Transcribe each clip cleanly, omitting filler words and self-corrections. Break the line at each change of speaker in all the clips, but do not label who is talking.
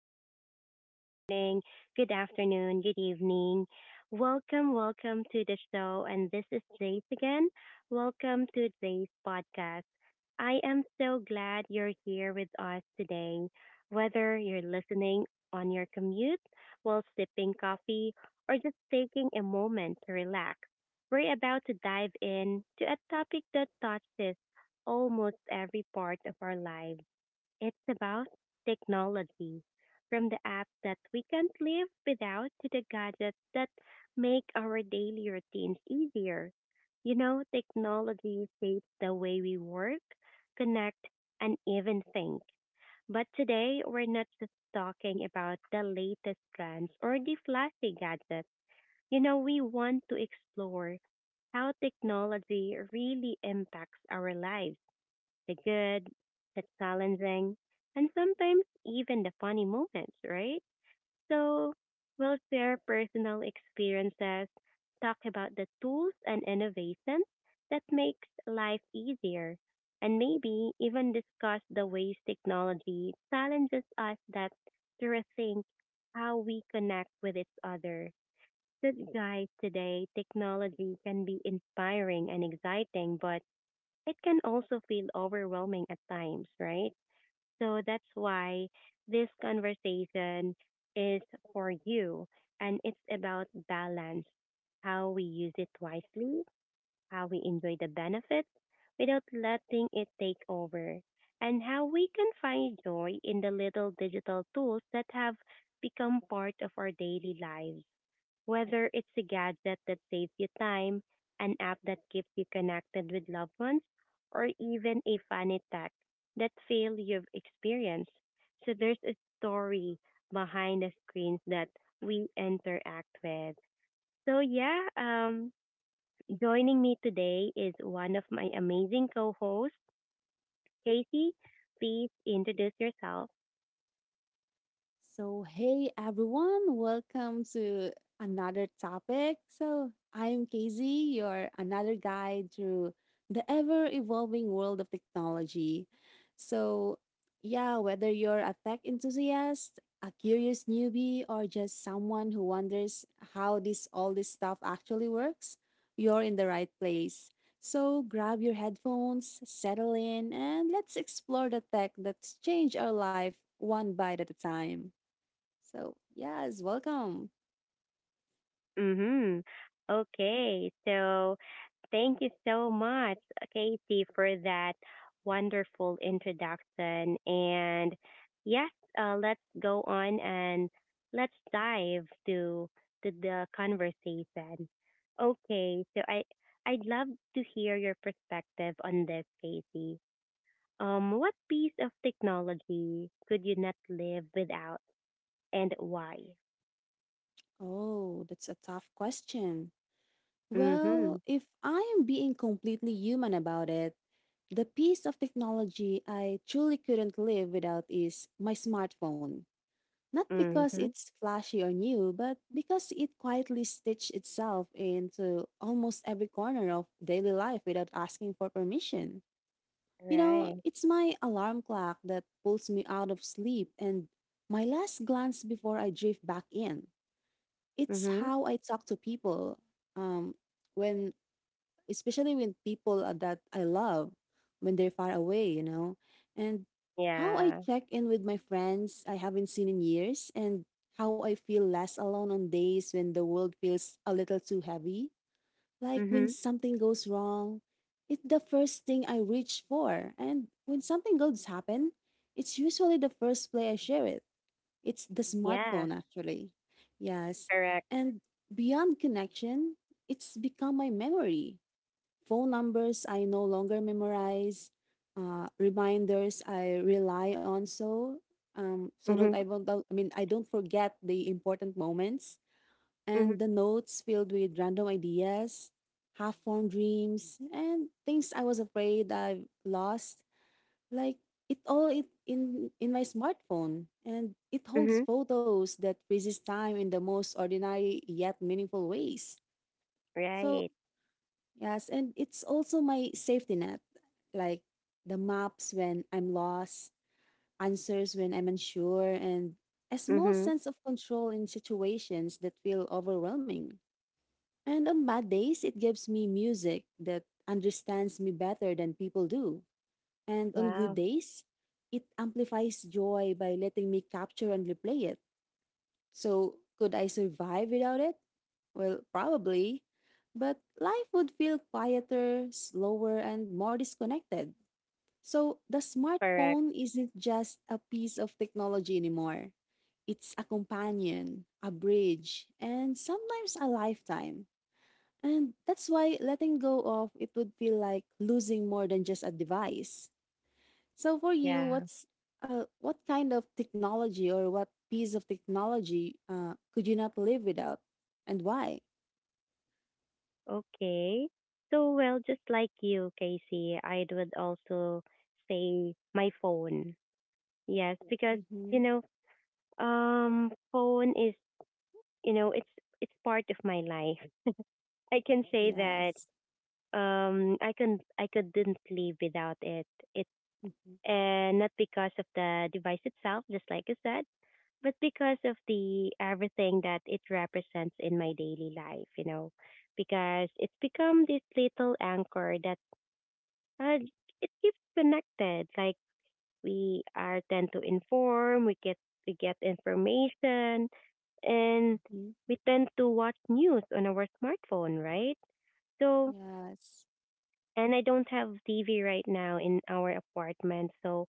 again. Good morning, good afternoon, good evening. Welcome, welcome to the show. And this is Jace again. Welcome to today's podcast. I am so glad you're here with us today. Whether you're listening on your commute, while sipping coffee, or just taking a moment to relax, we're about to dive in to a topic that touches almost every part of our lives, it's about technology, from the apps that we can't live without to the gadgets that make our daily routines easier. You know, technology shapes the way we work, connect, and even think. But today, we're not just talking about the latest trends or the flashy gadgets. You know, we want to explore how technology really impacts our lives, the good, the challenging, and sometimes even the funny moments, right? So we'll share personal experiences, talk about the tools and innovations that makes life easier, and maybe even discuss the ways technology challenges us that to rethink how we connect with each other. So guys, today technology can be inspiring and exciting, but it can also feel overwhelming at times, right? So that's why this conversation is for you and it's about balance, how we use it wisely, how we enjoy the benefits without letting it take over, and how we can find joy in the little digital tools that have become part of our daily lives. Whether it's a gadget that saves you time, an app that keeps you connected with loved ones, or even a funny tech that fail you've experienced. So there's a story behind the screens that we interact with. So yeah, joining me today is one of my amazing co-hosts, Casey. Please introduce yourself.
So, hey everyone, welcome to another topic. So, I'm Casey, your another guide through the ever evolving world of technology. So, yeah, whether you're a tech enthusiast, a curious newbie, or just someone who wonders how this stuff actually works, you're in the right place. So, grab your headphones, settle in, and let's explore the tech that's changed our life one bite at a time. So, yes, welcome.
Mm-hmm. Okay, so thank you so much, Katie, for that wonderful introduction. And yes, let's go on and let's dive to the conversation. Okay, so I'd love to hear your perspective on this, Katie. What piece of technology could you not live without, and why?
Oh, that's a tough question.
Mm-hmm.
Well, if I am being completely human about it, the piece of technology I truly couldn't live without is my smartphone. Not because
Mm-hmm.
it's flashy or new, but because it quietly stitched itself into almost every corner of daily life without asking for permission. You know,
Right.
it's my alarm clock that pulls me out of sleep and my last glance before I drift back in. It's
Mhm.
how I talk to people. Um, when especially when people are that I love, when they're far away, and how I
Yeah.
check in with my friends I haven't seen in years, and how I feel less alone on days when the world feels a little too heavy. Like when
Mhm.
something goes wrong, it's the first thing I reach for, and when something good happen, it's usually the first play I share it. It's the
Yeah.
smartphone, actually. Yes.
Correct.
And beyond connection, it's become my memory. Phone numbers I no longer memorize, reminders I rely on so so don't
Mhm.
I won't don't- I mean I don't forget the important moments,
Mhm.
and the notes filled with random ideas, half-formed dreams, and things I was afraid I've lost, like it all it in my smartphone, and it holds
Mhm.
photos that freezes time in the most ordinary yet meaningful ways. So
Right.
yes, and it's also my safety net, like the maps when I'm lost, answers when I'm unsure, and a small
Mhm.
sense of control in situations that feel overwhelming. And on bad days, it gives me music that understands me better than people do. And on good
Wow.
days, it amplifies joy by letting me capture and replay it. So, could I survive without it? Well, probably. But life would feel quieter, slower, and more disconnected. So, the
Correct.
smartphone isn't just a piece of technology anymore. It's a companion, a bridge, and sometimes a lifetime. And that's why letting go of it would feel like losing more than just a device. So for you,
Yeah.
what kind of technology or what piece of technology could you not live without, and why?
Okay. So well, just like you, Casey, I would also say my phone. Yes, because you
Mm-hmm.
know, phone is it's part of my life. I can say that
Yes.
I couldn't live without it. It
Mm-hmm.
and not because of the device itself, just like you said, but because of the everything that it represents in my daily life, you know, because it's become this little anchor that uh, it keeps connected. Like we are tend to inform, we get information, and
Hmm.
we tend to watch news on our smartphone, right? So,
Yes.
and I don't have TV right now in our apartment, so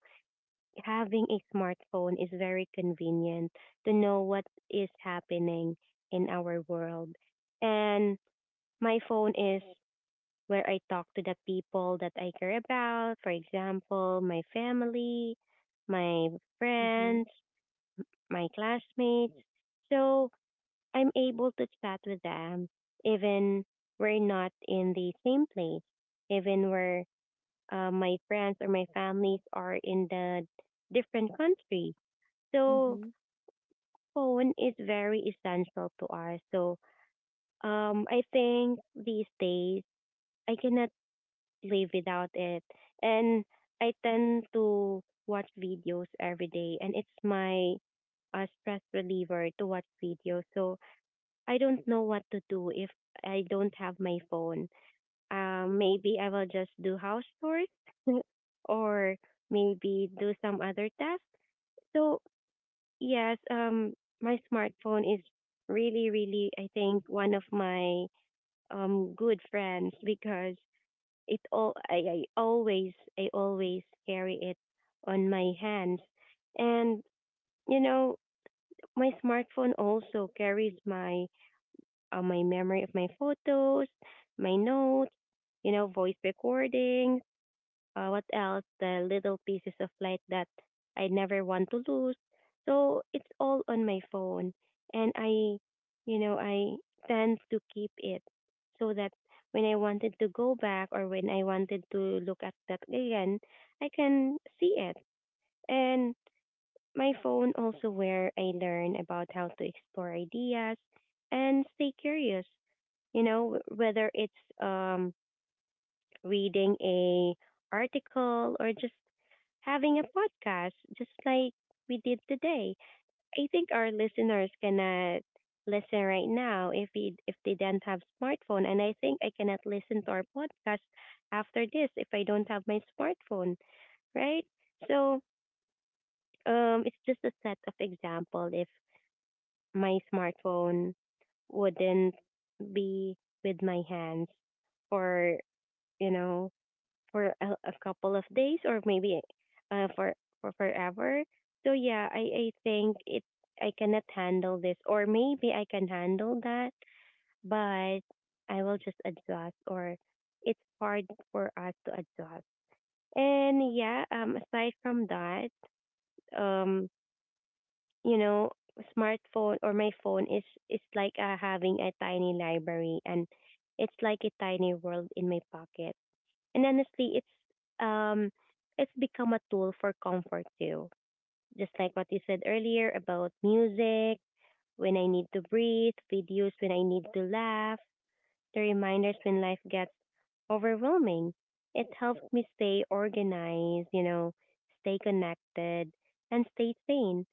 having a smartphone is very convenient to know what is happening in our world. And my phone is where I talk to the people that I care about, for example, my family, my
Mm-hmm.
friends, my classmates. So I'm able to chat with them even we're not in the same place, even where my friends or my families are in the different country. So
Mm-hmm.
phone is very essential to us. So I think these days I cannot live without it. And I tend to watch videos every day and it's my stress reliever to watch videos. So I don't know what to do if I don't have my phone. Maybe I will just do house chores or maybe do some other tasks. So yes, my smartphone is really, really, I think, one of my good friends because it all I always carry it on my hands, and you know my smartphone also carries my my memory of my photos, my notes, you know, voice recordings, what else? The little pieces of light that I never want to lose. So it's all on my phone. And I, you know, I tend to keep it so that when I wanted to go back or when I wanted to look at that again, I can see it. And my phone also where I learn about how to explore ideas and stay curious, you know, whether it's um reading a article, or just having a podcast, just like we did today. I think our listeners cannot listen right now if if they don't have smartphone, and I think I cannot listen to our podcast after this if I don't have my smartphone, right? So it's just a set of example if my smartphone wouldn't be with my hands or you know for a couple of days or maybe for forever. So yeah, I think it I cannot handle this or maybe I can handle that, but I will just adjust or it's hard for us to adjust. And yeah, aside from that, um you know, smartphone or my phone is like having a tiny library and it's like a tiny world in my pocket and honestly, um it's become a tool for comfort too. Just like what you said earlier about music, when I need to breathe, videos when I need to laugh, the reminders when life gets overwhelming. It helps me stay organized, you know, stay connected and stay sane.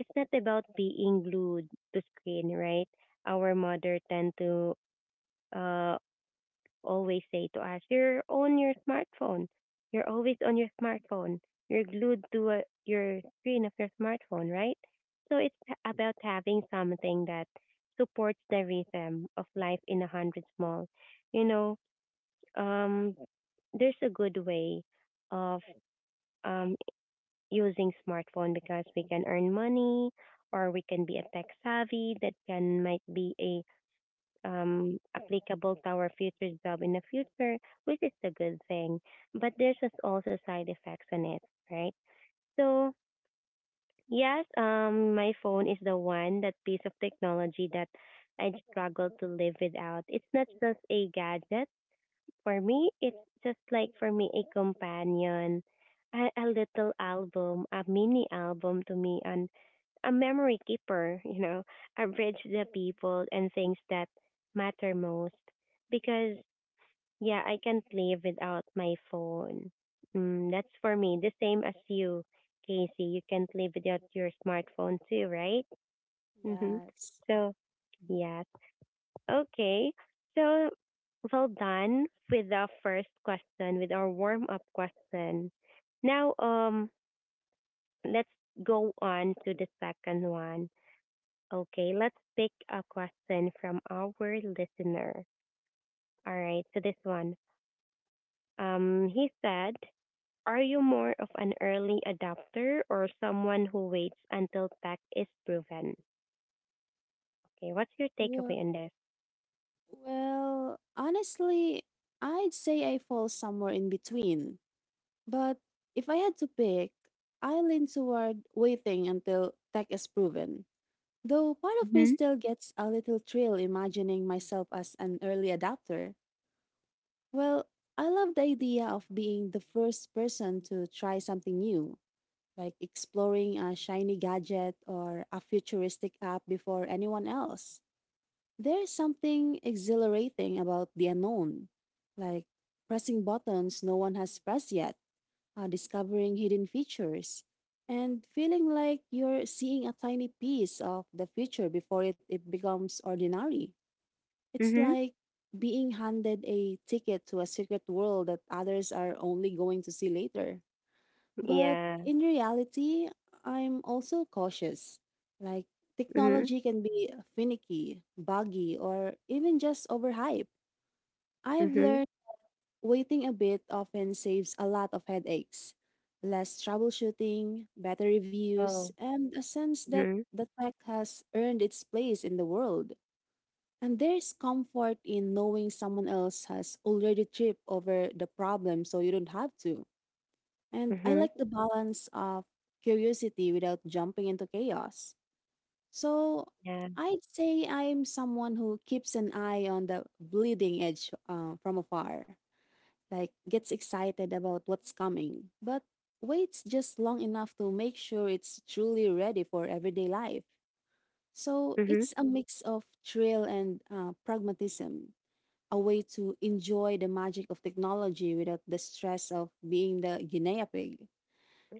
It's not about being glued to screen, right? Our mother tend to uh always say to us, you're on your smartphone. You're always on your smartphone. You're glued to your screen of your smartphone, right? So it's about having something that supports the rhythm of life in a hundred small. You know, um, there's a good way of um, using smartphone because we can earn money or we can be a tech savvy that can might be a applicable to our future job in the future, which is a good thing. But there's just also side effects on it, right? So yes, my phone is the one that piece of technology that I struggle to live without. It's not just a gadget for me, it's just like for me a companion, a little album, a mini album to me, and a memory keeper, you know, a bridge to the people and things that matter most. Because yeah, I can't live without my phone. Mm, that's for me. The same as you, Casey. You can't live without your smartphone too, right? Mm-hmm.
Yes.
So
Mhm.
yeah, okay. So well done with the first question, with our warm up question. Now let's go on to the second one. Okay, let's pick a question from our listener. All right, so this one. He said, are you more of an early adopter or someone who waits until tech is proven? Okay, what's your
Well,
takeaway on this?
well, honestly, I'd say I fall somewhere in between. But if I had to pick, I lean toward waiting until tech is proven. Though part of me
Mm-hmm.
still gets a little thrill imagining myself as an early adopter. Well, I love the idea of being the first person to try something new, like exploring a shiny gadget or a futuristic app before anyone else. There's something exhilarating about the unknown, like pressing buttons no one has pressed yet, discovering hidden features, and feeling like you're seeing a tiny piece of the future before it becomes ordinary. It's
Mm-hmm.
like being handed a ticket to a secret world that others are only going to see later. But
Yeah.
in reality, I'm also cautious. Like,
Mm-hmm.
technology can be finicky, buggy, or even just overhyped. I've
Mm-hmm.
learned waiting a bit often saves a lot of headaches, less troubleshooting, better reviews,
Oh.
and a sense that
Mm-hmm.
the tech has earned its place in the world. And there's comfort in knowing someone else has already tripped over the problem so you don't have to. And I
Mhm.
like the balance of curiosity without jumping into chaos. So
Yeah.
I'd say I'm someone who keeps an eye on the bleeding edge, from afar, like gets excited about what's coming, but waits just long enough to make sure it's truly ready for everyday life. So
Mhm.
it's a mix of thrill and pragmatism, a way to enjoy the magic of technology without the stress of being the guinea pig.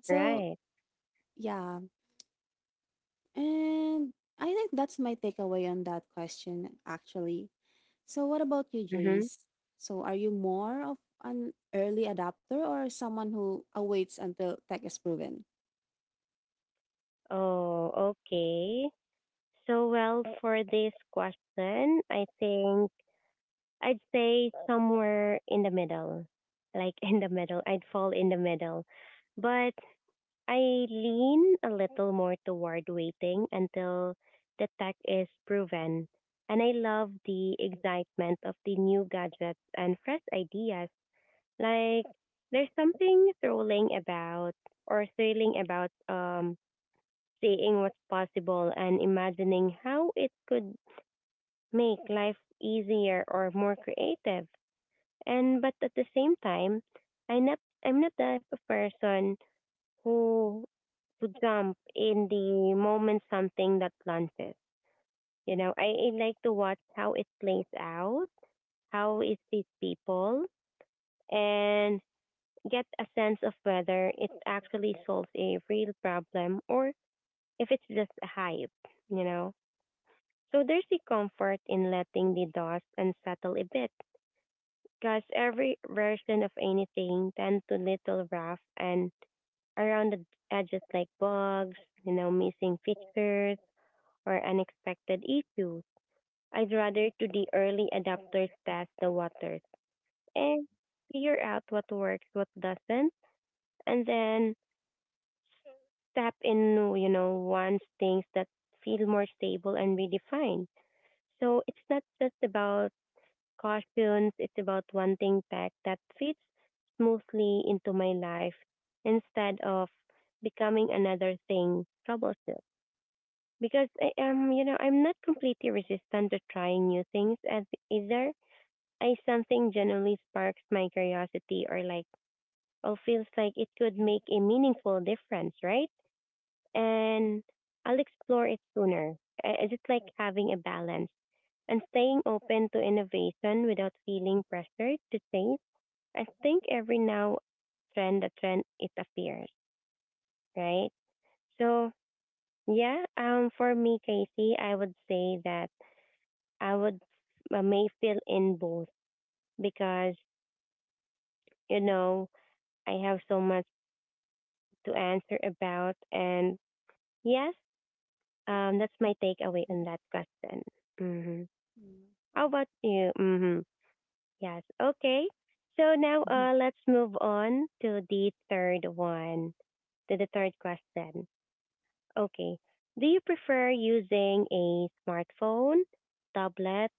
So,
Right.
yeah. And I think that's my takeaway on that question, actually. So, what about you,
Mhm.
Jace? So, are you more of an early adopter or someone who awaits until tech is proven?
Oh, okay. So, well, for this question, I think I'd say somewhere in the middle. Like in the middle, I'd fall in the middle. But I lean a little more toward waiting until the tech is proven. And I love the excitement of the new gadgets and fresh ideas. Like there's something thrilling about or thrilling about um seeing what's possible and imagining how it could make life easier or more creative. And but at the same time, I not I'm not the type of person who to jump in the moment something that launches. You know, I like to watch how it plays out, how it sees people and get a sense of whether it actually solves a real problem or if it's just a hype, you know? So there's the comfort in letting the dust unsettle a bit, because every version of anything tends to little rough and around the edges like bugs, you know, missing features, or unexpected issues. I'd rather to the early adapters test the waters and figure out what works, what doesn't, and then step in, you know, wants things that feel more stable and redefined. So it's not just about cautions, it's about wanting tech that fits smoothly into my life instead of becoming another thing troublesome. Because I am, you know, I'm not completely resistant to trying new things as either. I something generally sparks my curiosity or or feels like it could make a meaningful difference, right? And I'll explore it sooner. I just like having a balance and staying open to innovation without feeling pressured to change. I think every now a trend, it appears, right? So yeah, for me, Casey, I would say that I would may fill in both because you know I have so much to answer about, and yes, that's my takeaway
Mhm.
on that question. Hmm.
Mm.
How about you? Mm-hmm. Yes. Okay. So now
Mhm.
let's move on to the third one, to the third question. Okay. Do you prefer using a smartphone, tablet,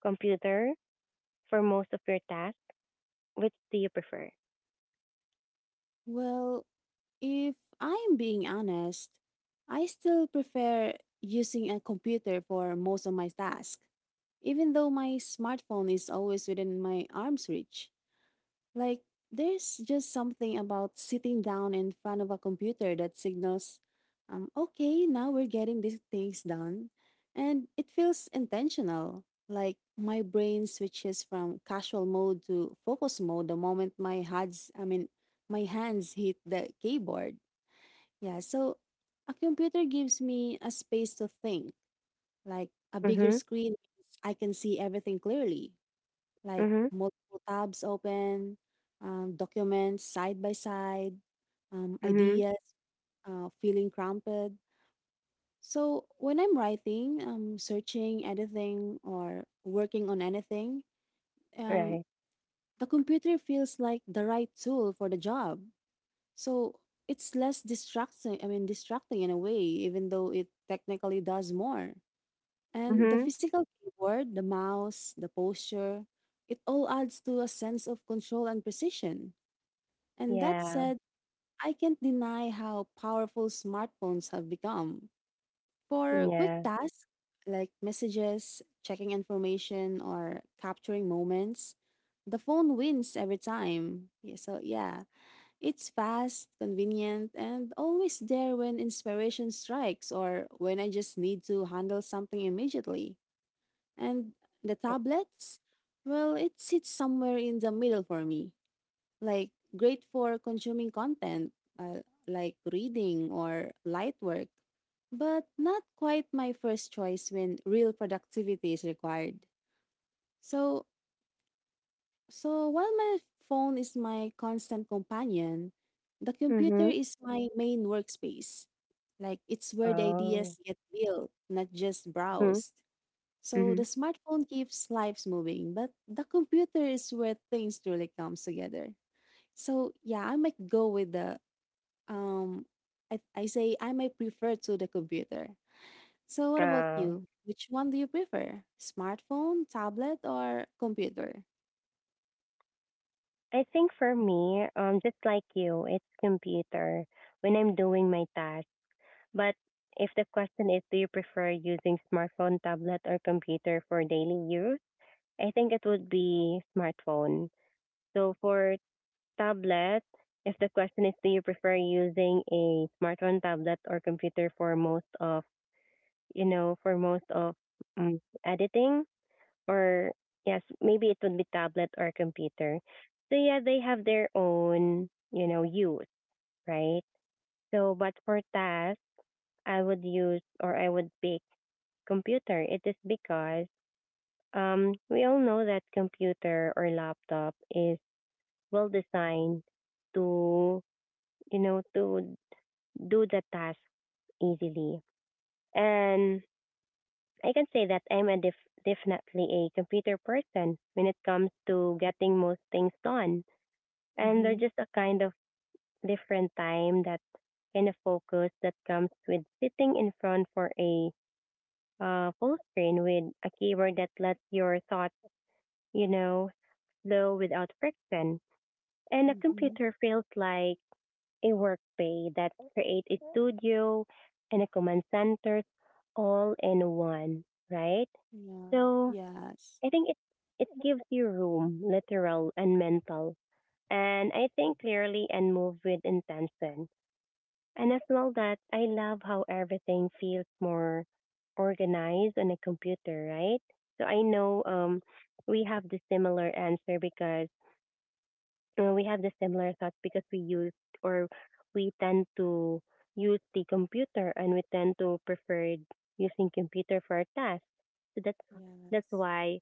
computer for most of your tasks? Which do you prefer?
Well, if I'm being honest, I still prefer using a computer for most of my tasks, even though my smartphone is always within my arm's reach. Like, there's just something about sitting down in front of a computer that signals, okay, now we're getting these things done. And it feels intentional. Like, my brain switches from casual mode to focus mode the moment my hands, I mean, my hands hit the keyboard. Yeah, so a computer gives me a space to think. Like, a bigger
Mm-hmm.
screen means I can see everything clearly, like
Mm-hmm.
multiple tabs open, documents side by side,
Mm-hmm.
ideas feeling cramped. So when I'm writing, searching, editing, or working on anything, um,
Right.
the computer feels like the right tool for the job. So it's less distracting. I mean, distracting in a way, even though it technically does more. And the
Mm-hmm.
physical keyboard, the mouse, the posture, it all adds to a sense of control and precision. And that
Yeah.
said, I can't deny how powerful smartphones have become. For quick
Yeah.
tasks like messages, checking information, or capturing moments, the phone wins every time. Yeah. So, yeah, it's fast, convenient, and always there when inspiration strikes or when I just need to handle something immediately. And the tablets? Well, it sits somewhere in the middle for me. Like, great for consuming content, uh, like reading or light work, but not quite my first choice when real productivity is required. So, so, while my phone is my constant companion, the computer
Mm-hmm.
is my main workspace. Like, it's where the
Oh.
ideas get built, not just
Mm-hmm.
browsed. So
Mm-hmm.
the smartphone keeps lives moving, but the computer is where things truly comes together. So yeah, I might go with the, um I say I might prefer to the computer. So what about
Oh,
you? Which one do you prefer? Smartphone, tablet, or computer?
I think for me, just like you, it's computer when I'm doing my task. But if the question is, do you prefer using smartphone, tablet, or computer for daily use? I think it would be smartphone. So for tablet, if the question is, do you prefer using a smartphone, tablet, or computer for most of, you know, for most of editing? Or yes, maybe it would be tablet or computer. So yeah, they have their own use, right? So but for tasks, I would use or I would pick computer. It is because we all know that computer or laptop is well designed to you know to do the task easily. And I can say that I'm definitely a computer person when it comes to getting most things done. And they're
Mm-hmm.
just a kind of different time that kind of focus that comes with sitting in front for a full screen with a keyboard that lets your thoughts, you know, flow without friction. And a
Mm-hmm.
computer feels like a workplace that creates a studio and a command center all in one, right?
Yeah.
So
Yes.
I think it gives you room, literal and mental, and I think clearly and move with intention. And I feel that I love how everything feels more organized on a computer, right? So I know we have the similar answer because we have the similar thoughts because we use or we tend to use the computer and we tend to prefer using computer for our tasks. So that's
Yes.
why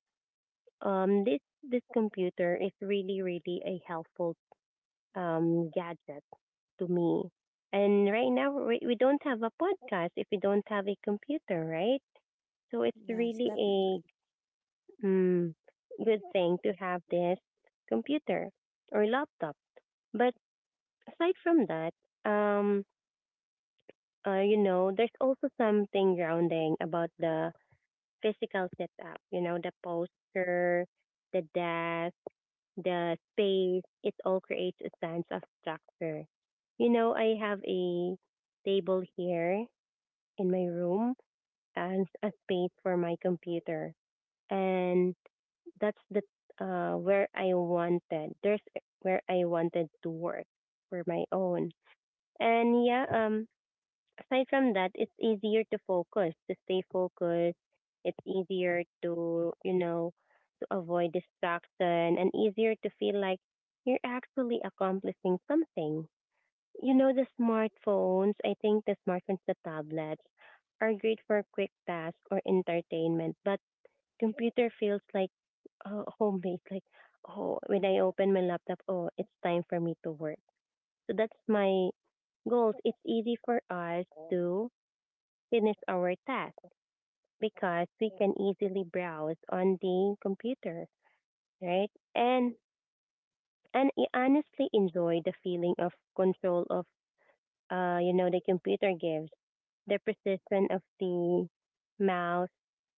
this computer is really really a helpful gadget to me. And right now, we don't have a podcast if we don't have a computer, right? So it's
Yes,
really
definitely.
a mm, good thing to have this computer or laptop. But aside from that, um, there's also something grounding about the physical setup, the posture, the desk, the space, it all creates a sense of structure. I have a table here in my room and a space for my computer. And that's the where I wanted. There's where I wanted to work for my own. And yeah, aside from that, it's easier to focus, to stay focused. It's easier to you know to avoid distraction and easier to feel like you're actually accomplishing something. The smartphones, I think the smartphones, the tablets are great for quick tasks or entertainment, but computer feels like homemade. Like, oh, when I open my laptop, oh, it's time for me to work. So that's my goals. It's easy for us to finish our task because we can easily browse on the computer, right? And I honestly enjoy the feeling of control of the computer gives. The precision of the mouse,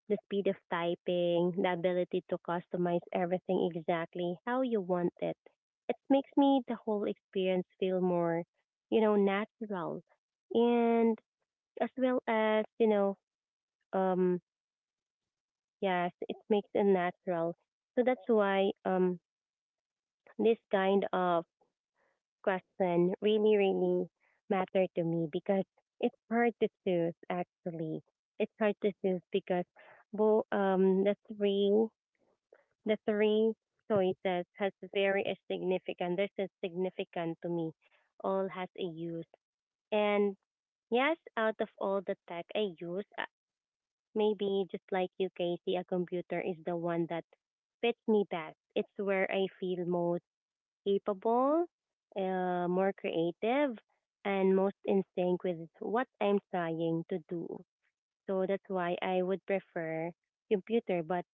the speed of typing, the ability to customize everything exactly how you want it. It makes me the whole experience feel more natural. And as well as, you know, um yes, it makes it natural. So that's why this kind of question really, really matter to me because it's hard to choose, actually. It's hard to choose because well, the three choices has very a significant, there's a significant to me. All has a use. And yes, out of all the tech I use, maybe just like you, Casey, a computer is the one that fits me best. It's where I feel most capable, more creative, and most in sync with what I'm trying to do. So that's why I would prefer computer. But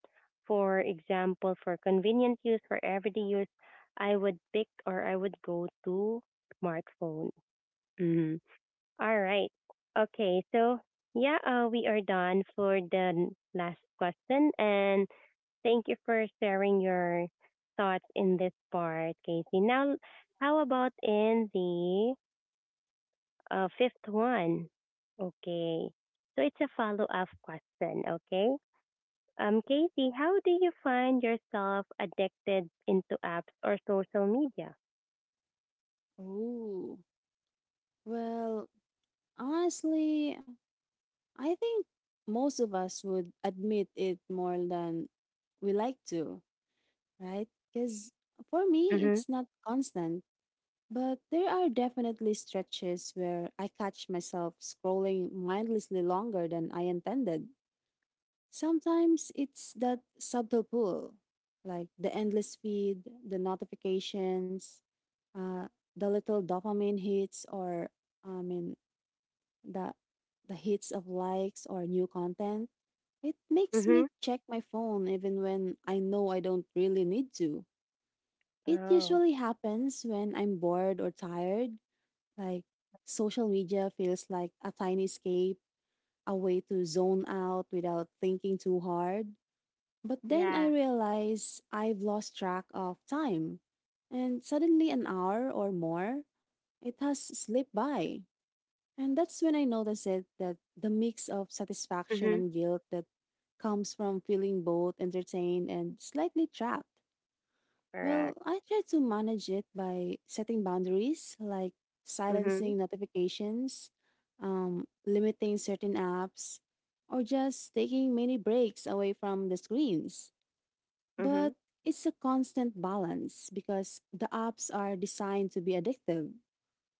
for example, for convenient use, for everyday use, I would pick or I would go to smartphone. Mhm. All right. Okay. So yeah, we are done for the last question. And thank you for sharing your thoughts in this part, Casey. Now, how about in the fifth one? Okay. So it's a follow up question, okay?
Okay.
Casey, how do you find yourself addicted into apps or social media?
Oh. Well, honestly, I think most of us would admit it more than we like to, right? Because for me,
Mm-hmm.
it's not constant, but there are definitely stretches where I catch myself scrolling mindlessly longer than I intended. Sometimes it's that subtle pull, like the endless feed, the notifications, uh, the little dopamine hits, or I mean, the the hits of likes or new content. It makes
Mm-hmm.
me check my phone even when I know I don't really need to. It
Oh,
usually happens when I'm bored or tired, like social media feels like a tiny escape, a way to zone out without thinking too hard. But then I
yeah.
realize I've lost track of time, and suddenly an hour or more, it has slipped by. And that's when I noticed it, that the mix of satisfaction
Mm-hmm.
and guilt that comes from feeling both entertained and slightly trapped. Well,
Correct.
I try to manage it by setting boundaries, like
Mm-hmm.
silencing notifications, limiting certain apps, or just taking many breaks away from the screens.
Mm-hmm.
But it's a constant balance because the apps are designed to be addictive,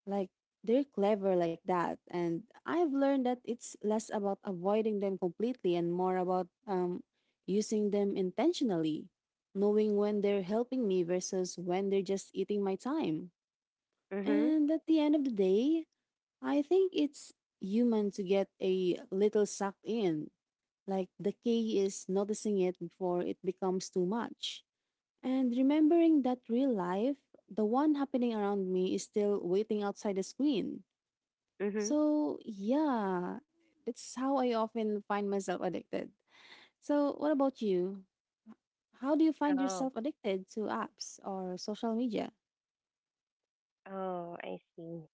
like they're clever like that. And I've learned that it's less about avoiding them completely and more about using them intentionally, knowing when they're helping me versus when they're just eating my time.
Mm-hmm.
And at the end of the day, I think it's human to get a little sucked in. Like the key is noticing it before it becomes too much. And remembering that real life, the one happening around me, is still waiting outside the screen.
Mm-hmm.
So, yeah, that's how I often find myself addicted. So, what about you? How do you find
Oh.
yourself addicted to apps or social media?
Oh, I see.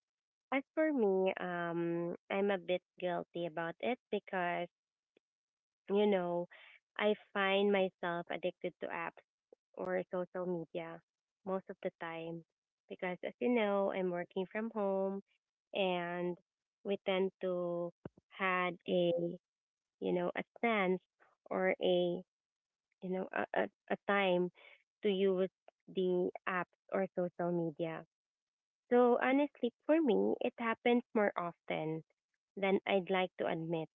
As for me, I'm a bit guilty about it because, you know, I find myself addicted to apps or social media most of the time. Because, as you know, I'm working from home and we tend to had a sense or a, you know, a time to use the apps or social media. Though honestly, for me, it happens more often than I'd like to admit.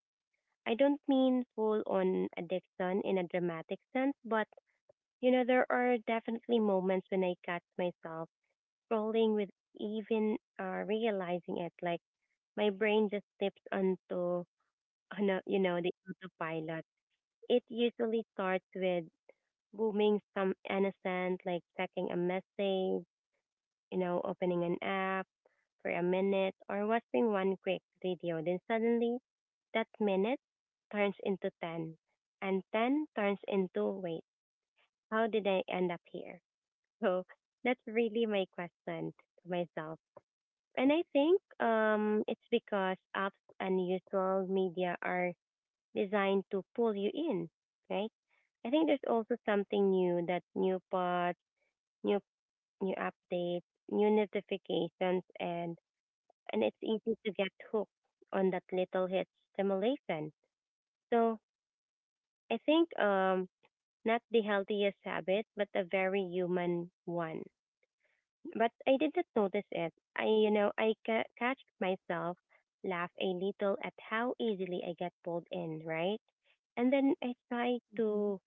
I don't mean full on addiction in a dramatic sense, but there are definitely moments when I catch myself scrolling with even realizing it. Like my brain just tips on the autopilot. It usually starts with booming some innocent, like checking a message, opening an app for a minute or watching one quick video. Then suddenly that minute turns into 10 and 10 turns into wait, how did I end up here? So that's really my question to myself. And I think it's because apps and usual media are designed to pull you in, right? I think there's also something new that new pods, new new updates, new notifications, and it's easy to get hooked on that little hit stimulation. So I think not the healthiest habit, but a very human one. But I didn't notice it. I catch myself laugh a little at how easily I get pulled in, right? And then I try
Hmm.
to,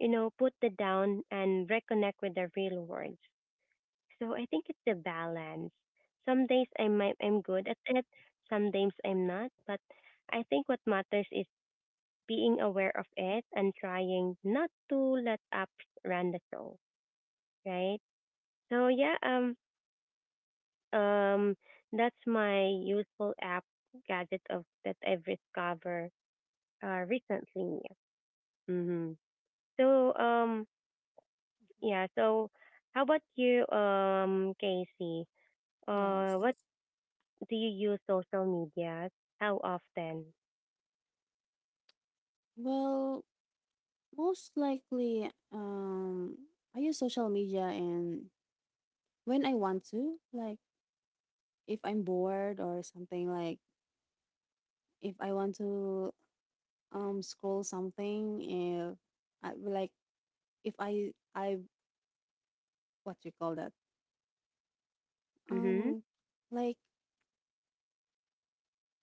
you know, put it down and reconnect with the real world. So I think it's the balance. Some days I'm good at it, some days I'm not, but I think what matters is being aware of it and trying not to let apps run the show, right? So yeah, um that's my useful app gadget of that I've discovered recently. Mhm. So yeah,
Hmm.
so how about you Casey? What
Yes.
do you use social media? How often?
Well, most likely, I use social media and when I want to, like if I'm bored or something, like if I want to scroll something, if I like if I what do you call that?
Mm-hmm.
Um, like,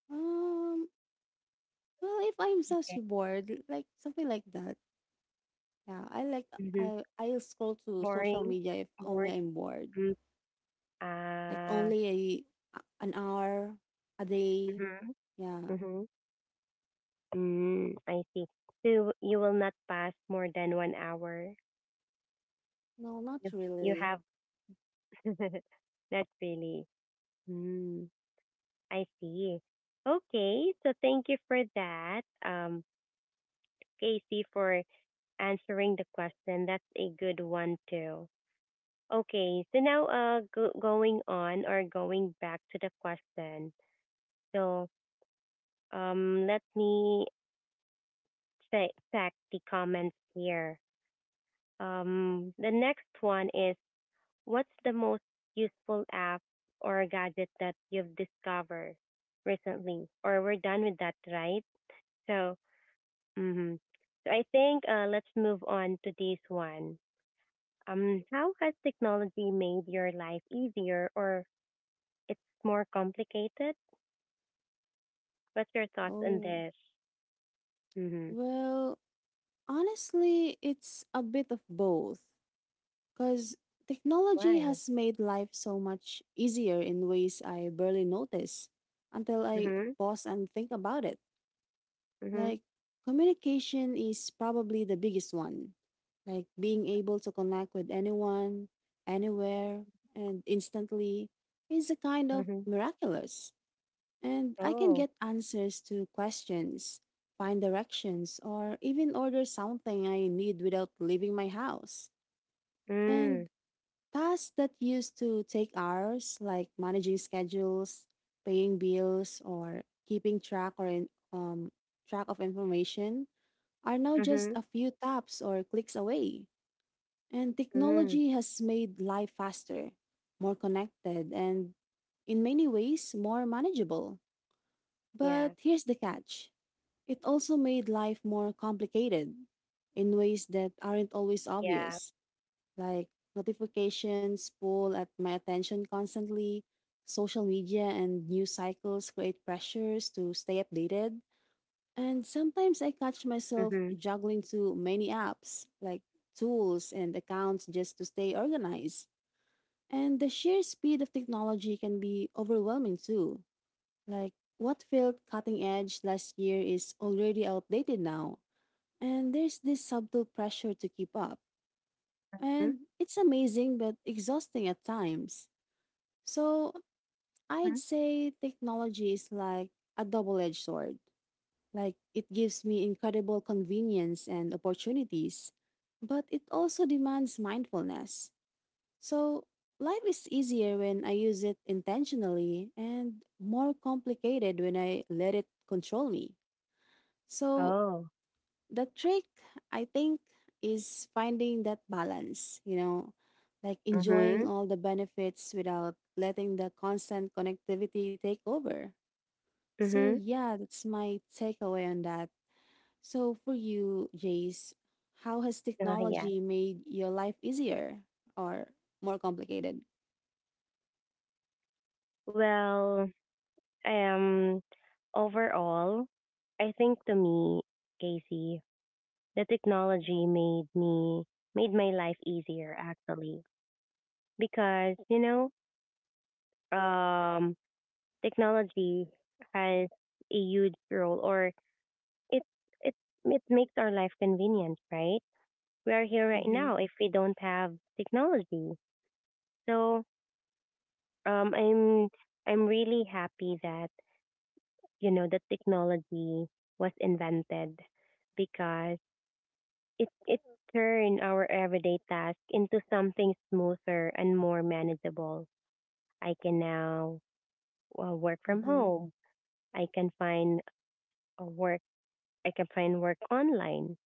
um, well, if I'm just
Okay.
bored, like something like that. Yeah, I like
Mm-hmm.
I'll scroll to social
Boring.
media if only
Bored.
I'm bored.
Mm.
Like
Ah.
only a an hour a day.
Mm-hmm.
Yeah.
Mm-hmm. Mm, I see. So you will not pass more than 1 hour.
No, not
You you
really.
have not really. Mm, I see. Okay. So thank you for that, Casey, for answering the question. That's a good one too. Okay, so now going on or going back to the question. So let me check the comments here. The next one is what's the most useful app or gadget that you've discovered recently? Or we're done with that, right? So mm-hmm. So I think let's move on to this one. How has technology made your life easier or it's more complicated? What's your thoughts on
Oh,
this? Mm-hmm.
well, honestly, it's a bit of both. Cause technology
Why?
has made life so much easier in ways I barely notice until I
Mm-hmm.
pause and think about it.
Mm-hmm.
Like, communication is probably the biggest one. Like, being able to connect with anyone, anywhere, and instantly is a kind of
Mm-hmm.
miraculous. And I can
Oh,
get answers to questions, find directions, or even order something I need without leaving my house.
Mm.
And tasks that used to take hours, like managing schedules, paying bills, or keeping track or in, track of information are now just
Mm-hmm.
a few taps or clicks away. And
Mm.
technology has made life faster, more connected, and in many ways more manageable.
Yeah.
But here's the catch, it also made life more complicated in ways that aren't always
Yeah.
obvious, like notifications pull at my attention constantly, social media and news cycles create pressures to stay updated, and sometimes I catch myself
Mm-hmm.
juggling too many apps, like tools and accounts just to stay organized. And the sheer speed of technology can be overwhelming too. Like, what felt cutting edge last year is already outdated now. And there's this subtle pressure to keep up.
Mm-hmm.
And it's amazing but exhausting at times. So I'd say technology is like a double edged sword. Like, it gives me incredible convenience and opportunities, but it also demands mindfulness. So, life is easier when I use it intentionally and more complicated when I let it control me. So,
Oh,
the trick, I think, is finding that balance, you know, like enjoying
Mm-hmm.
all the benefits without letting the constant connectivity take over. So,
Mm-hmm.
yeah, that's my takeaway on that. So, for you, Jace, how has
Oh, yeah.
technology made your life easier or more complicated?
Well, um, overall, I think to me, Casey, the technology made my life easier actually because um, technology has a huge role or it it it makes our life convenient, right? We are here right
Mm-hmm.
now if we don't have technology. So um I'm I'm really happy that you know the technology was invented because it turned our everyday task into something smoother and more manageable. I can now work from
Mm-hmm.
home. I can find a work I can find work online.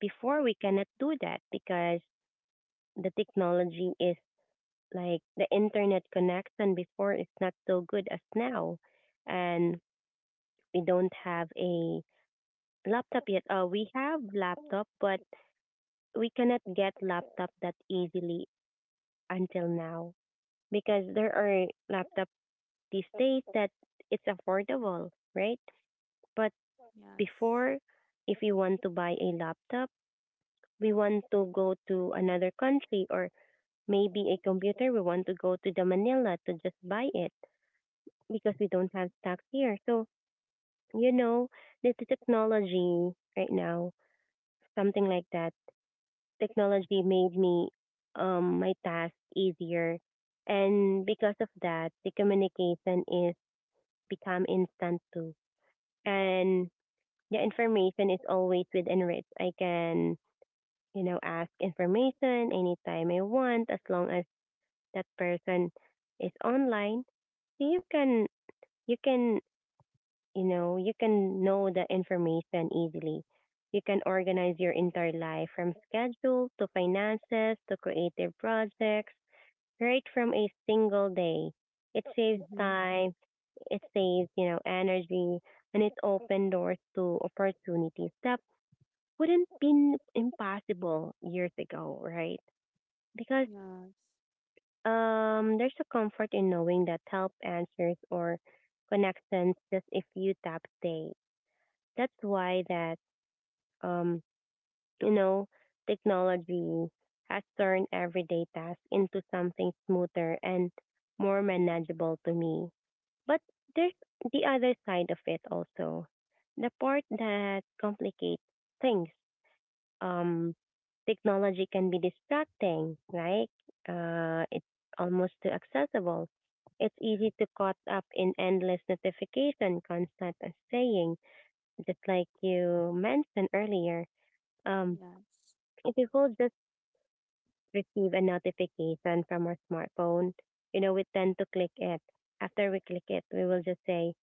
Before, we cannot do that because the technology is like the internet connection before is not so good as now. And we don't have a laptop yet. We have laptop, but we cannot get laptop that easily until now because there are laptop these days that it's affordable, right? But
Yes.
before, if we want to buy a laptop, we want to go to another country or maybe a computer we want to go to the Manila to just buy it because we don't have stocks here. So, you know, the technology right now, something like that. Technology made me my task easier. And because of that, the communication is become instant too. And the information is always within reach. I can ask information anytime I want as long as that person is online. So you you can can know the information easily. You can organize your entire life from schedule to finances to creative projects right from a single day. It saves
Mm-hmm.
time. It saves energy and it opens doors to opportunities that wouldn't been impossible years ago, right? Because
Yes.
there's a comfort in knowing that help answers or connections just a few taps away. That's why that um, you know, technology has turned everyday tasks into something smoother and more manageable to me. But there's the other side of it also. The part that complicates things. Um Technology can be distracting, right? It's almost too accessible. It's easy to caught up in endless notification, constant saying just like you mentioned earlier, um,
Yes.
if we will just receive a notification from our smartphone, we tend to click it. After we click it, we will just say,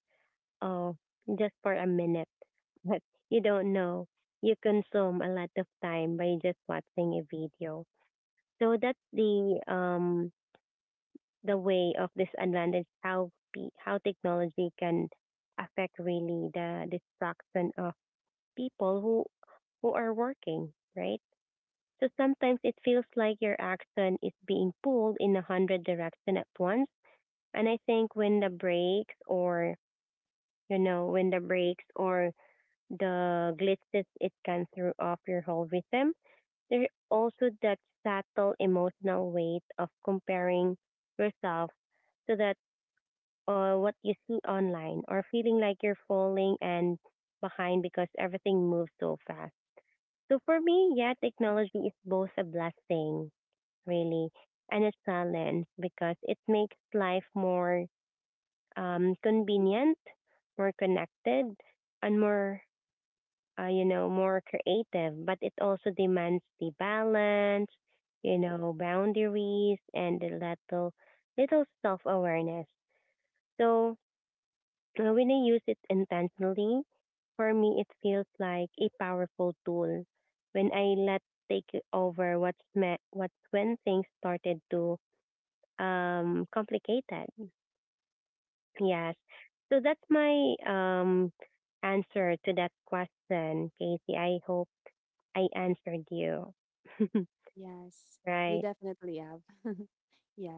oh, just for a minute. But you don't know. You consume a lot of time by just watching a video. So that's the way of disadvantage how technology can affect really the distraction of people who are working, right? So sometimes it feels like your action is being pulled in a hundred directions at once. And I think when the brakes or the glitches, it can throw off your whole rhythm. There's also that subtle emotional weight of comparing yourself to that what you see online, or feeling like you're falling and behind because everything moves so fast. So for me, yeah, technology is both a blessing really, and it's balance because it makes life more convenient, more connected, and more creative. But it also demands the balance, boundaries, and a little self awareness. So when I use it intentionally, for me, it feels like a powerful tool. When I let take over what's when things started to complicated. Yes. So that's my answer to that question, Casey. I hope I answered you.
Yes. You
Right.
definitely have.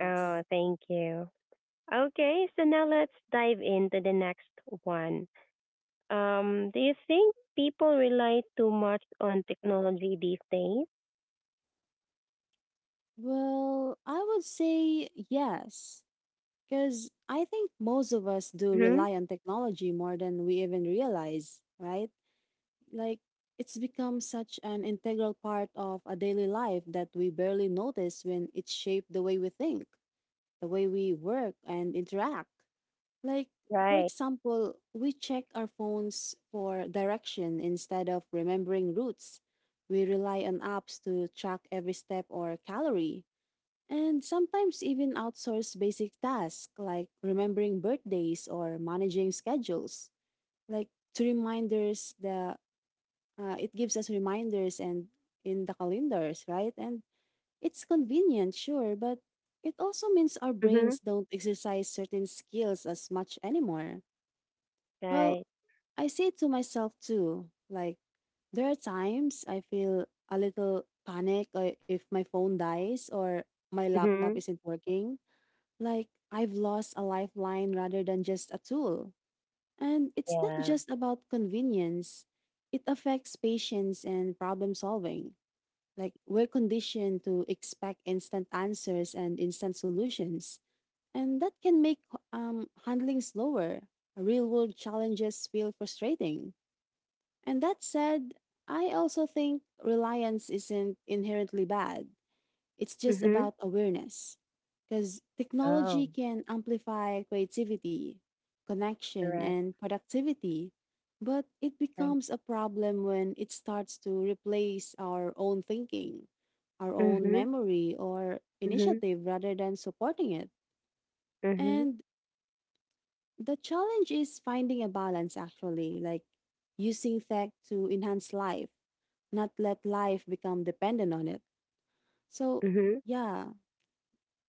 Oh, thank you. Okay, so now let's dive into the next one. Do you think people rely too much on technology these days?
Well, I would say yes, because I think most of us do
Mm-hmm.
rely on technology more than we even realize, right? Like, it's become such an integral part of a daily life that we barely notice when it shaped the way we think, the way we work and interact. Like, for
Right.
example, we check our phones for direction instead of remembering routes. We rely on apps to track every step or calorie, and sometimes even outsource basic tasks like remembering birthdays or managing schedules. Like, to reminders, the it gives us reminders and in the calendars, right? And it's convenient, sure, but it also means our
Mm-hmm.
brains don't exercise certain skills as much anymore. Well,
Right.
I say it to myself too. Like, there are times I feel a little panic if my phone dies or my laptop
Mm-hmm.
isn't working. Like, I've lost a lifeline rather than just a tool. And it's not
Yeah.
just about convenience, it affects patience and problem solving. Like, we're conditioned to expect instant answers and instant solutions. And that can make handling slower. Real world challenges feel frustrating. And that said, I also think reliance isn't inherently bad. It's just
Mm-hmm.
about awareness. Because technology
Oh,
can amplify creativity, connection,
correct.
and productivity, but it
Right.
becomes a problem when it starts to replace our own thinking, our own
Mm-hmm.
memory, or
Mm-hmm.
initiative rather than supporting it.
Mm-hmm.
And the challenge is finding a balance, actually, like using tech to enhance life, not let life become dependent on it. So,
Mm-hmm.
yeah,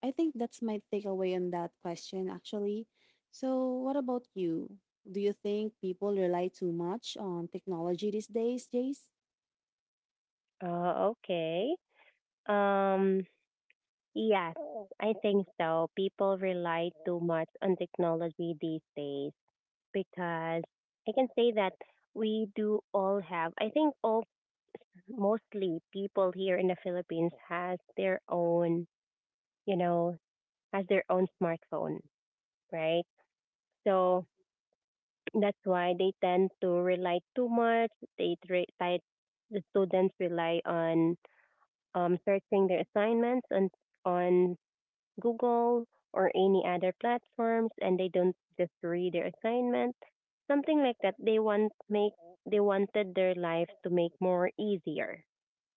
I think that's my takeaway on that question, actually. So, what about you? Do you think people rely too much on technology these days, Jace?
Oh, okay. Um, yes, I think so. People rely too much on technology these days because I can say that we do all have. I think all mostly people here in the Philippines has their own, you know, smartphone, right? So that's why they tend to rely too much. They tre- they- the students rely on searching their assignments and on Google or any other platforms, and they don't just read their assignment, something like that. They wanted their life to make more easier,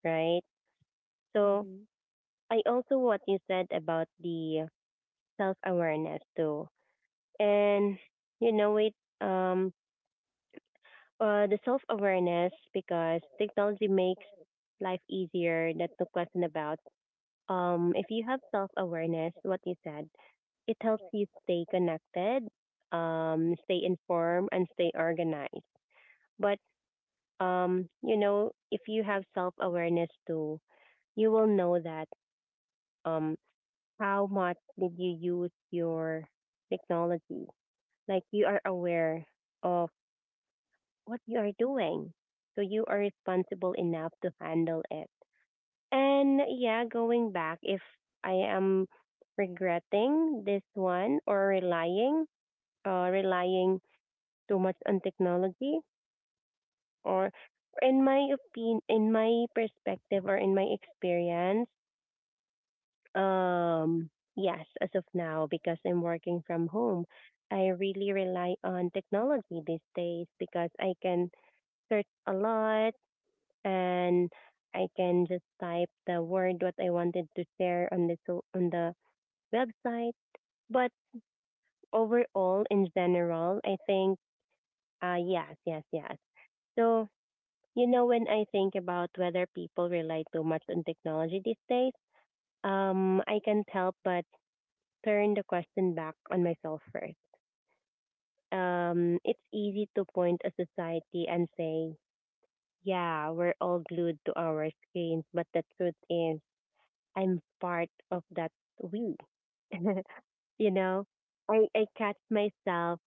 right? So
Mm-hmm.
I also what you said about the self awareness too. And you know it, um the self awareness, because technology makes life easier, that's no question about. If you have self awareness, what you said, it helps you stay connected, stay informed, and stay organized. But if you have self awareness too, you will know that um, how much did you use your technology? Like you are aware of what you are doing, so you are responsible enough to handle it. And yeah, going back, if I am regretting this one or relying, relying too much on technology, or in my opinion, in my perspective, or in my experience, um yes, as of now, because I'm working from home, I really rely on technology these days because I can search a lot, and I can just type the word what I wanted to share on the website but overall in general, I think yes, yes, yes. So you know, when I think about whether people rely too much on technology these days, I can't help but turn the question back on myself first. It's easy to point a society and say, yeah, we're all glued to our screens, but the truth is, I'm part of that we. You know, I catch myself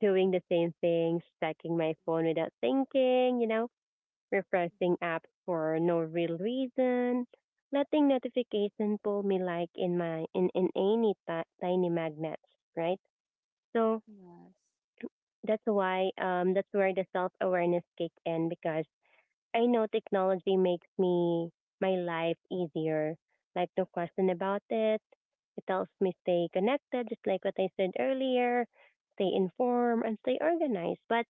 doing the same things, checking my phone without thinking, refreshing apps for no real reason, letting notification pull me like in any ti tiny magnets, right? So
Yes.
that's where the self awareness kick in, because I know technology makes me my life easier. Like no question about it. It helps me stay connected, just like what I said earlier, stay informed and stay organized. But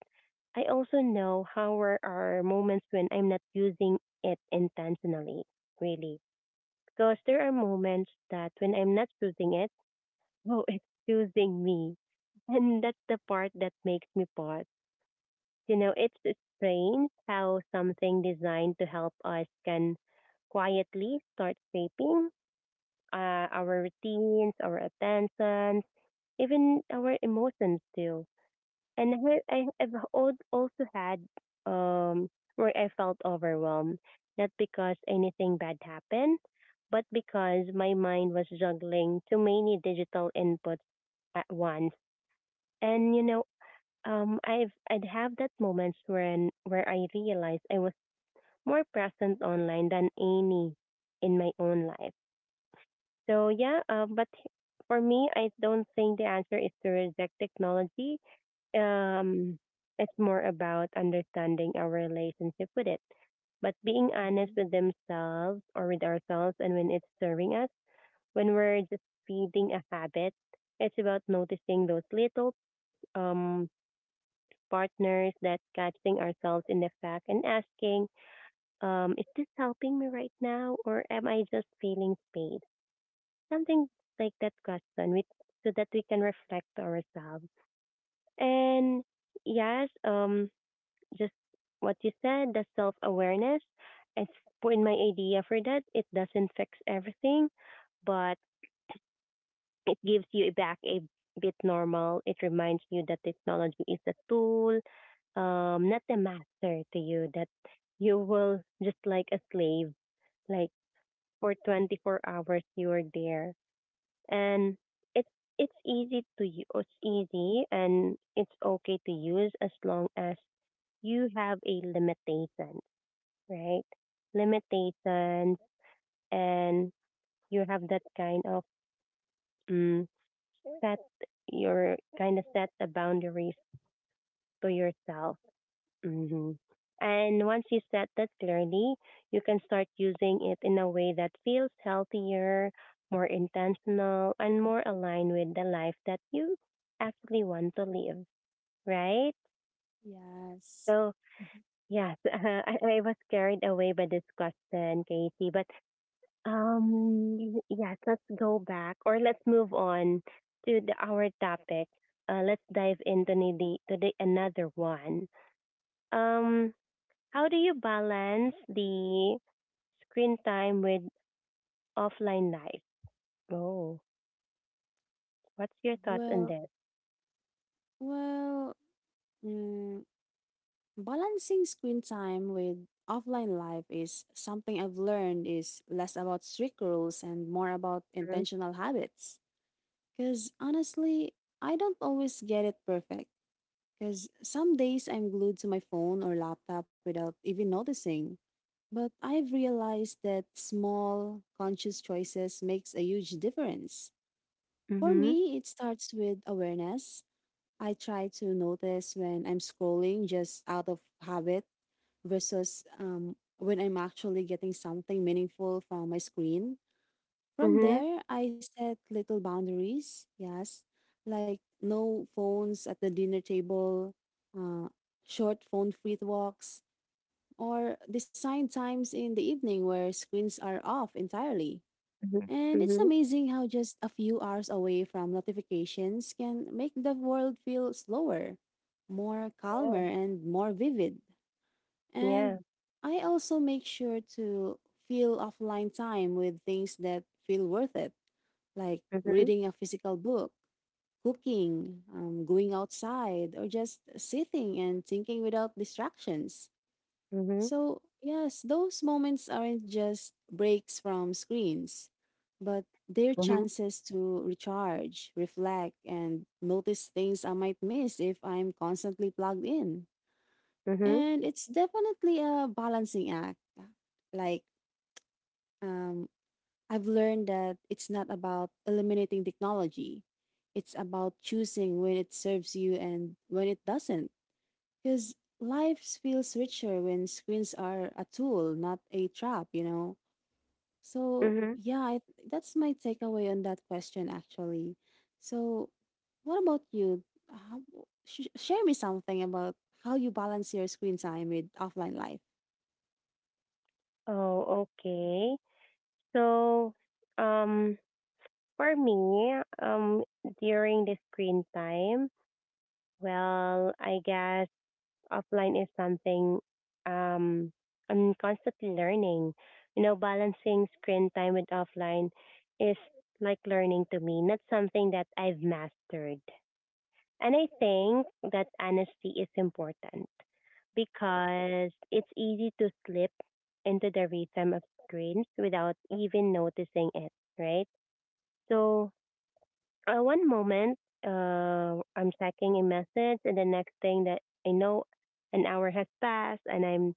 I also know how are our moments when I'm not using it intentionally, really. Because there are moments that when I'm not using it, oh, it's using me. And that's the part that makes me pause. You know, it's strange how something designed to help us can quietly start shaping our routines, our attentions, even our emotions too. And I've also had um, where I felt overwhelmed, not because anything bad happened, but because my mind was juggling too many digital inputs at once. And you know, I'd have that moments when where I realized I was more present online than any in my own life. So yeah, but for me, I don't think the answer is to reject technology. Um, it's more about understanding our relationship with it, but being honest
Mm-hmm.
with themselves or with ourselves, and when it's serving us, when we're just feeding a habit. It's about noticing those little um partners that catching ourselves in the fact and asking, is this helping me right now or am I just feeling space? Something like that question, which, so that we can reflect to ourselves. And yes, just what you said, the self awareness. It's in my idea for that. It doesn't fix everything, but it gives you back a bit normal. It reminds you that technology is a tool, not a master to you, that you will just like a slave, like for 24 hours you are there. And it's it's easy to use, it's easy and it's okay to use as long as you have a limitation, right? Limitations, and you have that kind of mm set your kind of set the boundaries to yourself. hmm And once you set that clearly, you can start using it in a way that feels healthier, more intentional, and more aligned with the life that you actually want to live, right?
Yes.
So,
Mhm.
yes, I was carried away by this question, Casey, but yes, let's go back, or let's move on to the, our topic. Let's dive into to the another one. Um, how do you balance the screen time with offline life? Oh, what's your thoughts on
Well,
this?
well, mm, balancing screen time with offline life is something I've learned is less about strict rules and more about
Mm-hmm.
intentional habits. Because honestly, I don't always get it perfect. Because some days I'm glued to my phone or laptop without even noticing. But I've realized that small, conscious choices makes a huge difference. For me, it starts with awareness. I try to notice when I'm scrolling just out of habit versus when I'm actually getting something meaningful from my screen. From
Mm-hmm.
there, I set little boundaries, yes, like no phones at the dinner table, uh, short phone free walks, or design times in the evening where screens are off entirely.
Mm. Mm-hmm.
And it's
Mm-hmm.
amazing how just a few hours away from notifications can make the world feel slower, more
Yeah.
calmer, and more vivid. And
Yeah.
I also make sure to fill offline time with things that feel worth it, like
Mhm.
reading a physical book, cooking, going outside, or just sitting and thinking without distractions.
Mhm.
So, yes, those moments aren't just breaks from screens, but they're
Mhm.
chances to recharge, reflect, and notice things I might miss if I'm constantly plugged in.
Mhm.
And it's definitely a balancing act. Like, um, I've learned that it's not about eliminating technology, it's about choosing when it serves you and when it doesn't. Because life feels richer when screens are a tool, not a trap, you know? So,
Mhm.
yeah, that's my takeaway on that question, actually. So, what about you? How, sh- share me something about how you balance your screen time with offline life.
Oh, okay. So, um, for me, um, during the screen time, well, I guess offline is something um, I'm constantly learning. You know, balancing screen time with offline is like learning to me, not something that I've mastered. And I think that honesty is important because it's easy to slip into the rhythm of screens without even noticing it, right? So one moment, I'm checking a message, and the next thing that I know, an hour has passed, and I'm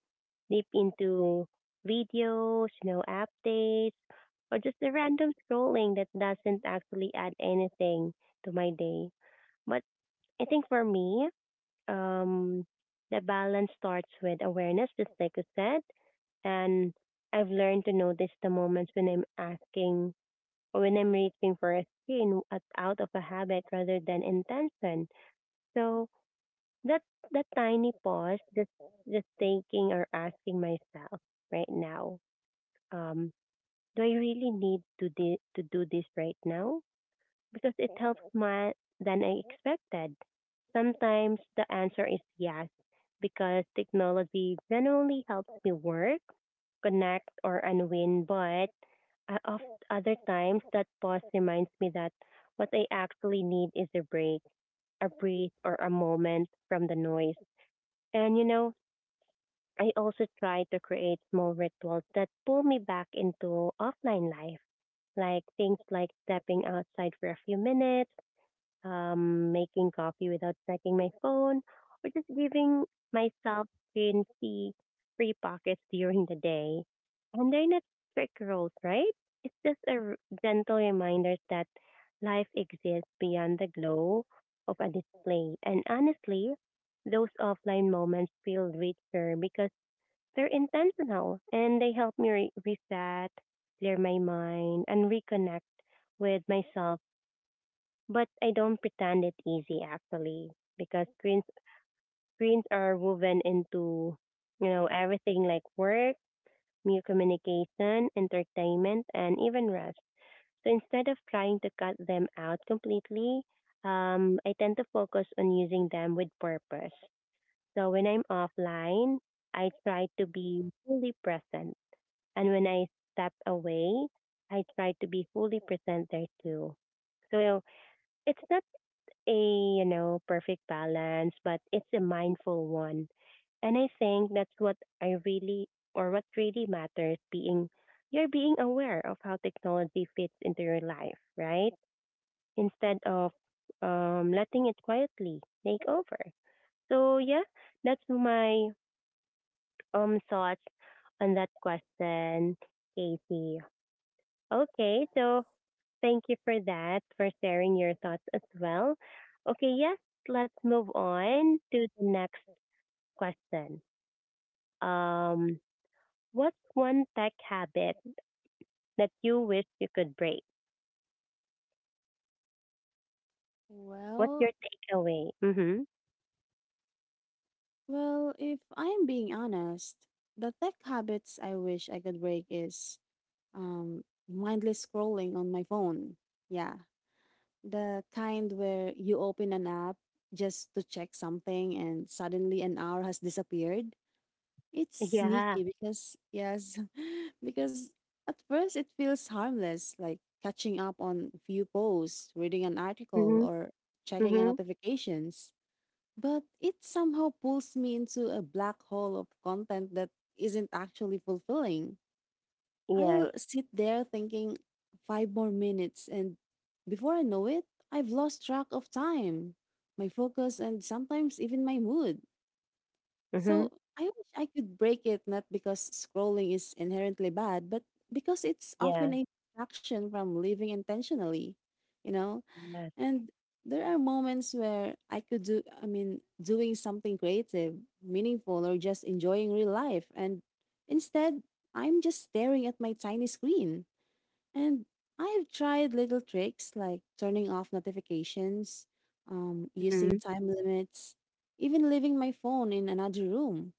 deep into videos, you know, updates, or just a random scrolling that doesn't actually add anything to my day. But I think for me, um, the balance starts with awareness, just like you said, and I've learned to notice the moments when I'm asking or when I'm reaching for a screen at, out of a habit rather than intention. So that that tiny pause, just thinking or asking myself right now, um, do I really need to do this right now? Because it helps more than I expected. Sometimes the answer is yes, because technology generally helps me work, connect, or unwind, but of other times that pause reminds me that what I actually need is a break, a breathe, or a moment from the noise. And you know, I also try to create small rituals that pull me back into offline life, like things like stepping outside for a few minutes, making coffee without checking my phone, or just giving myself screen free pockets during the day. And they're not strict rules, right? It's just a gentle reminder that life exists beyond the glow of a display. And honestly, those offline moments feel richer because they're intentional, and they help me reset, clear my mind, and reconnect with myself. But I don't pretend it's easy actually, because screens are woven into you know everything, like work, new communication, entertainment, and even rest. So instead of trying to cut them out completely, I tend to focus on using them with purpose. So when I'm offline, I try to be fully present, and when I step away, I try to be fully present there too. So it's not a perfect balance, but it's a mindful one. And I think that's what I really or what really matters, being you're being aware of how technology fits into your life, right? Instead of letting it quietly take over. So yeah, that's my thoughts on that question, Casey. Okay, so thank you for that, for sharing your thoughts as well. Okay, yes, let's move on to the next question. Um, what's one tech habit that you wish you could break? What's your
Well,
takeaway? Mm-hmm.
well, if I am being honest, the tech habits I wish I could break is um mindless scrolling on my phone. Yeah, the kind where you open an app just to check something and suddenly an hour has disappeared. It's
Yeah.
sneaky because yes, because at first it feels harmless, like catching up on few posts, reading an article,
Mm-hmm.
or checking on
Mm-hmm.
notifications. But it somehow pulls me into a black hole of content that isn't actually fulfilling.
Yes.
I'll sit there thinking five more minutes, and before I know it, I've lost track of time, my focus, and sometimes even my mood.
Mm-hmm.
So I wish I could break it not because scrolling is inherently bad, but because it's
Yeah.
often a distraction from living intentionally. You know,
Yes.
and there are moments where I could do, I mean, doing something creative, meaningful, or just enjoying real life. And instead, I'm just staring at my tiny screen. And I have tried little tricks like turning off notifications,
Mm-hmm.
using time limits, even leaving my phone in another room.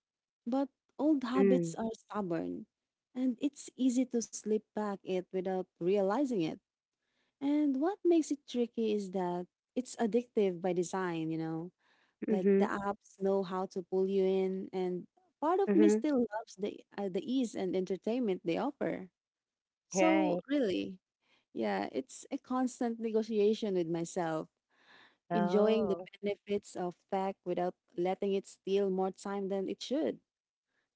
But old
Mm.
habits are stubborn, and it's easy to slip back it without realizing it. And what makes it tricky is that it's addictive by design, you know? Like, the
Mm-hmm.
apps know how to pull you in, and part of me
Mm-hmm.
still loves the ease and entertainment they offer. So,
Right.
really, yeah, it's a constant negotiation with myself, enjoying the
Oh.
benefits of tech without letting it steal more time than it should.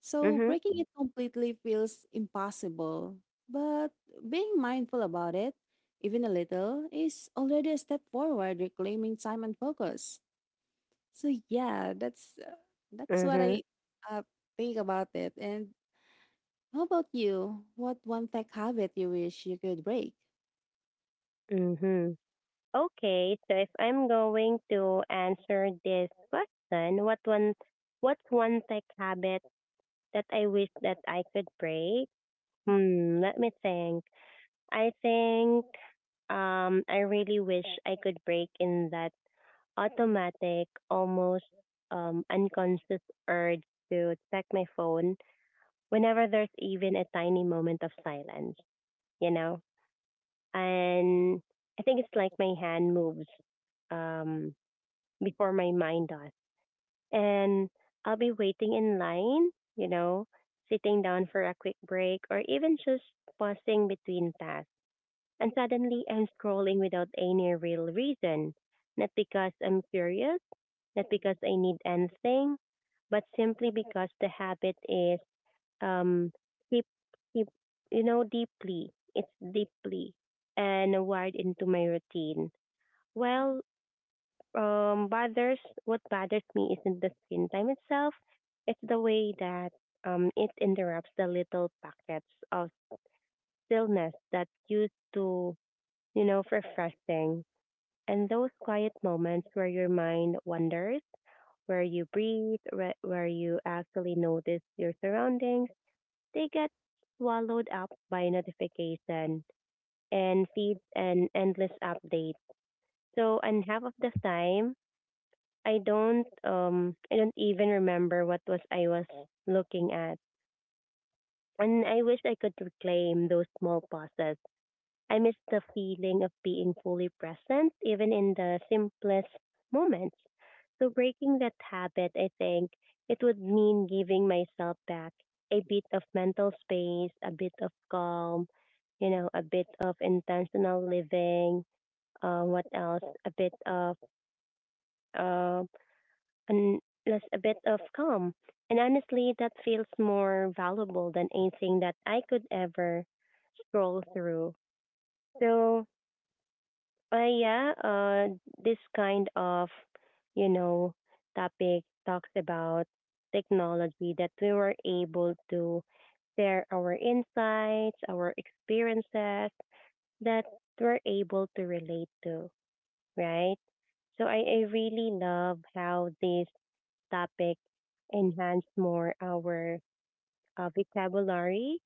So
Mm-hmm.
breaking it completely feels impossible, but being mindful about it, even a little, is already a step forward reclaiming time and focus. So yeah, that's what
Mm-hmm.
I uh, think about it. And how about you? What one tech habit you wish you could break?
Mm-hmm. Okay, so if I'm going to answer this question, what's one tech habit that I wish that I could break? Hmm, let me think. I think I really wish I could break in that automatic, almost unconscious urge to check my phone whenever there's even a tiny moment of silence, you know? And I think it's like my hand moves um before my mind does. And I'll be waiting in line, you know, sitting down for a quick break or even just pausing between tasks. And suddenly I'm scrolling without any real reason. Not because I'm curious, not because I need anything, but simply because the habit is um deep, deep deeply. It's deeply and wired into my routine. Well, bothers what bothers me isn't the screen time itself. It's the way that it interrupts the little pockets of stillness that used to, you know, refreshing. And those quiet moments where your mind wanders, where you breathe, where you actually notice your surroundings, they get swallowed up by notification and feeds and endless updates. So, and half of the time, I don't even remember what was I was looking at. And I wish I could reclaim those small pauses. I miss the feeling of being fully present even in the simplest moments. So breaking that habit, I think it would mean giving myself back a bit of mental space, a bit of calm, you know, a bit of intentional living, what else? A bit of uh and plus a bit of calm. And honestly, that feels more valuable than anything that I could ever scroll through. So, yeah, this kind of, you know, topic talks about technology that we were able to share our insights, our experiences that we're able to relate to, right? So I really love how this topic enhance more our vocabulary,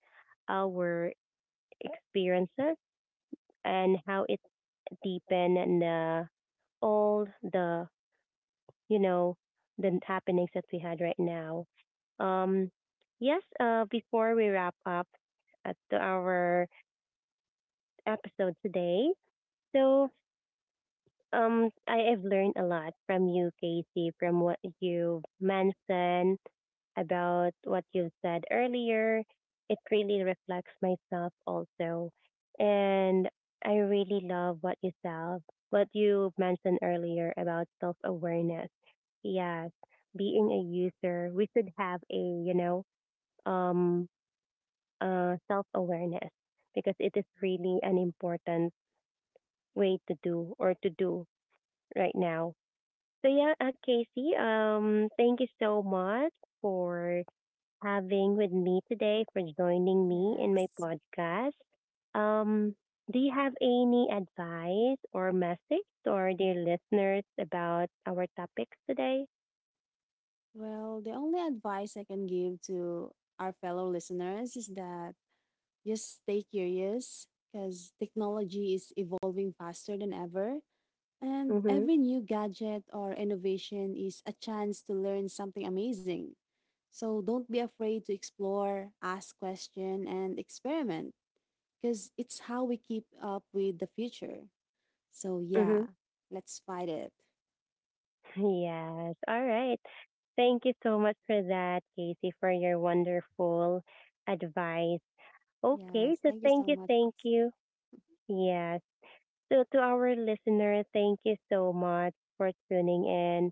our experiences, and how it deepen the, all the, you know, the happenings that we had right now. Um, yes, before we wrap up at our episode today, so I have learned a lot from you, Casey, from what you mentioned, about what you said earlier. It really reflects myself also. And I really love what you self what you mentioned earlier about self awareness. Yes. Being a user, we should have a, you know, um self awareness because it is really an important way to do or to do right now. So yeah, Casey, thank you so much for having with me today, for joining me in my
Yes.
podcast. Um, do you have any advice or message to our dear listeners about our topics today?
Well, the only advice I can give to our fellow listeners is that, just stay curious, because technology is evolving faster than ever. And
Mm-hmm.
every new gadget or innovation is a chance to learn something amazing. So don't be afraid to explore, ask question, and experiment, because it's how we keep up with the future. So
Mm-hmm.
yeah, let's fight it.
Yes. All right. Thank you so much for that, Casey, for your wonderful advice. Okay,
Yes,
so
thank you
thank
so
you,
much.
thank you. Yes. So to our listener, thank you so much for tuning in.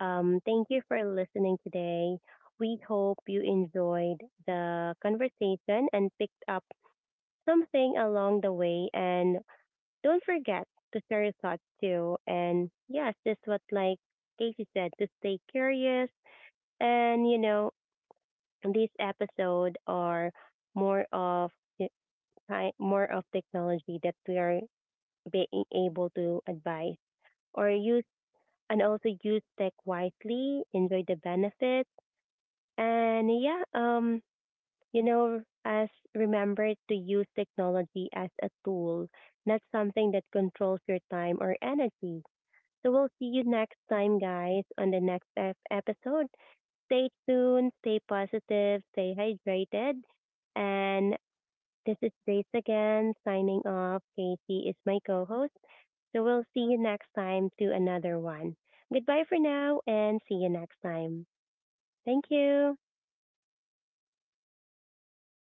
Thank you for listening today. We hope you enjoyed the conversation and picked up something along the way. And don't forget to share your thoughts too. And yes, just what like Casey said, to stay curious. And you know, these episodes are more of the more of technology that we are being able to advise or use and also use tech wisely, enjoy the benefits. And yeah, you know, as remember to use technology as a tool, not something that controls your time or energy. So we'll see you next time, guys, on the next episode. Stay tuned, stay positive, stay hydrated. And this is Grace again, signing off. Casey is my co host. So we'll see you next time to another one. Goodbye for now and see you next time. Thank you.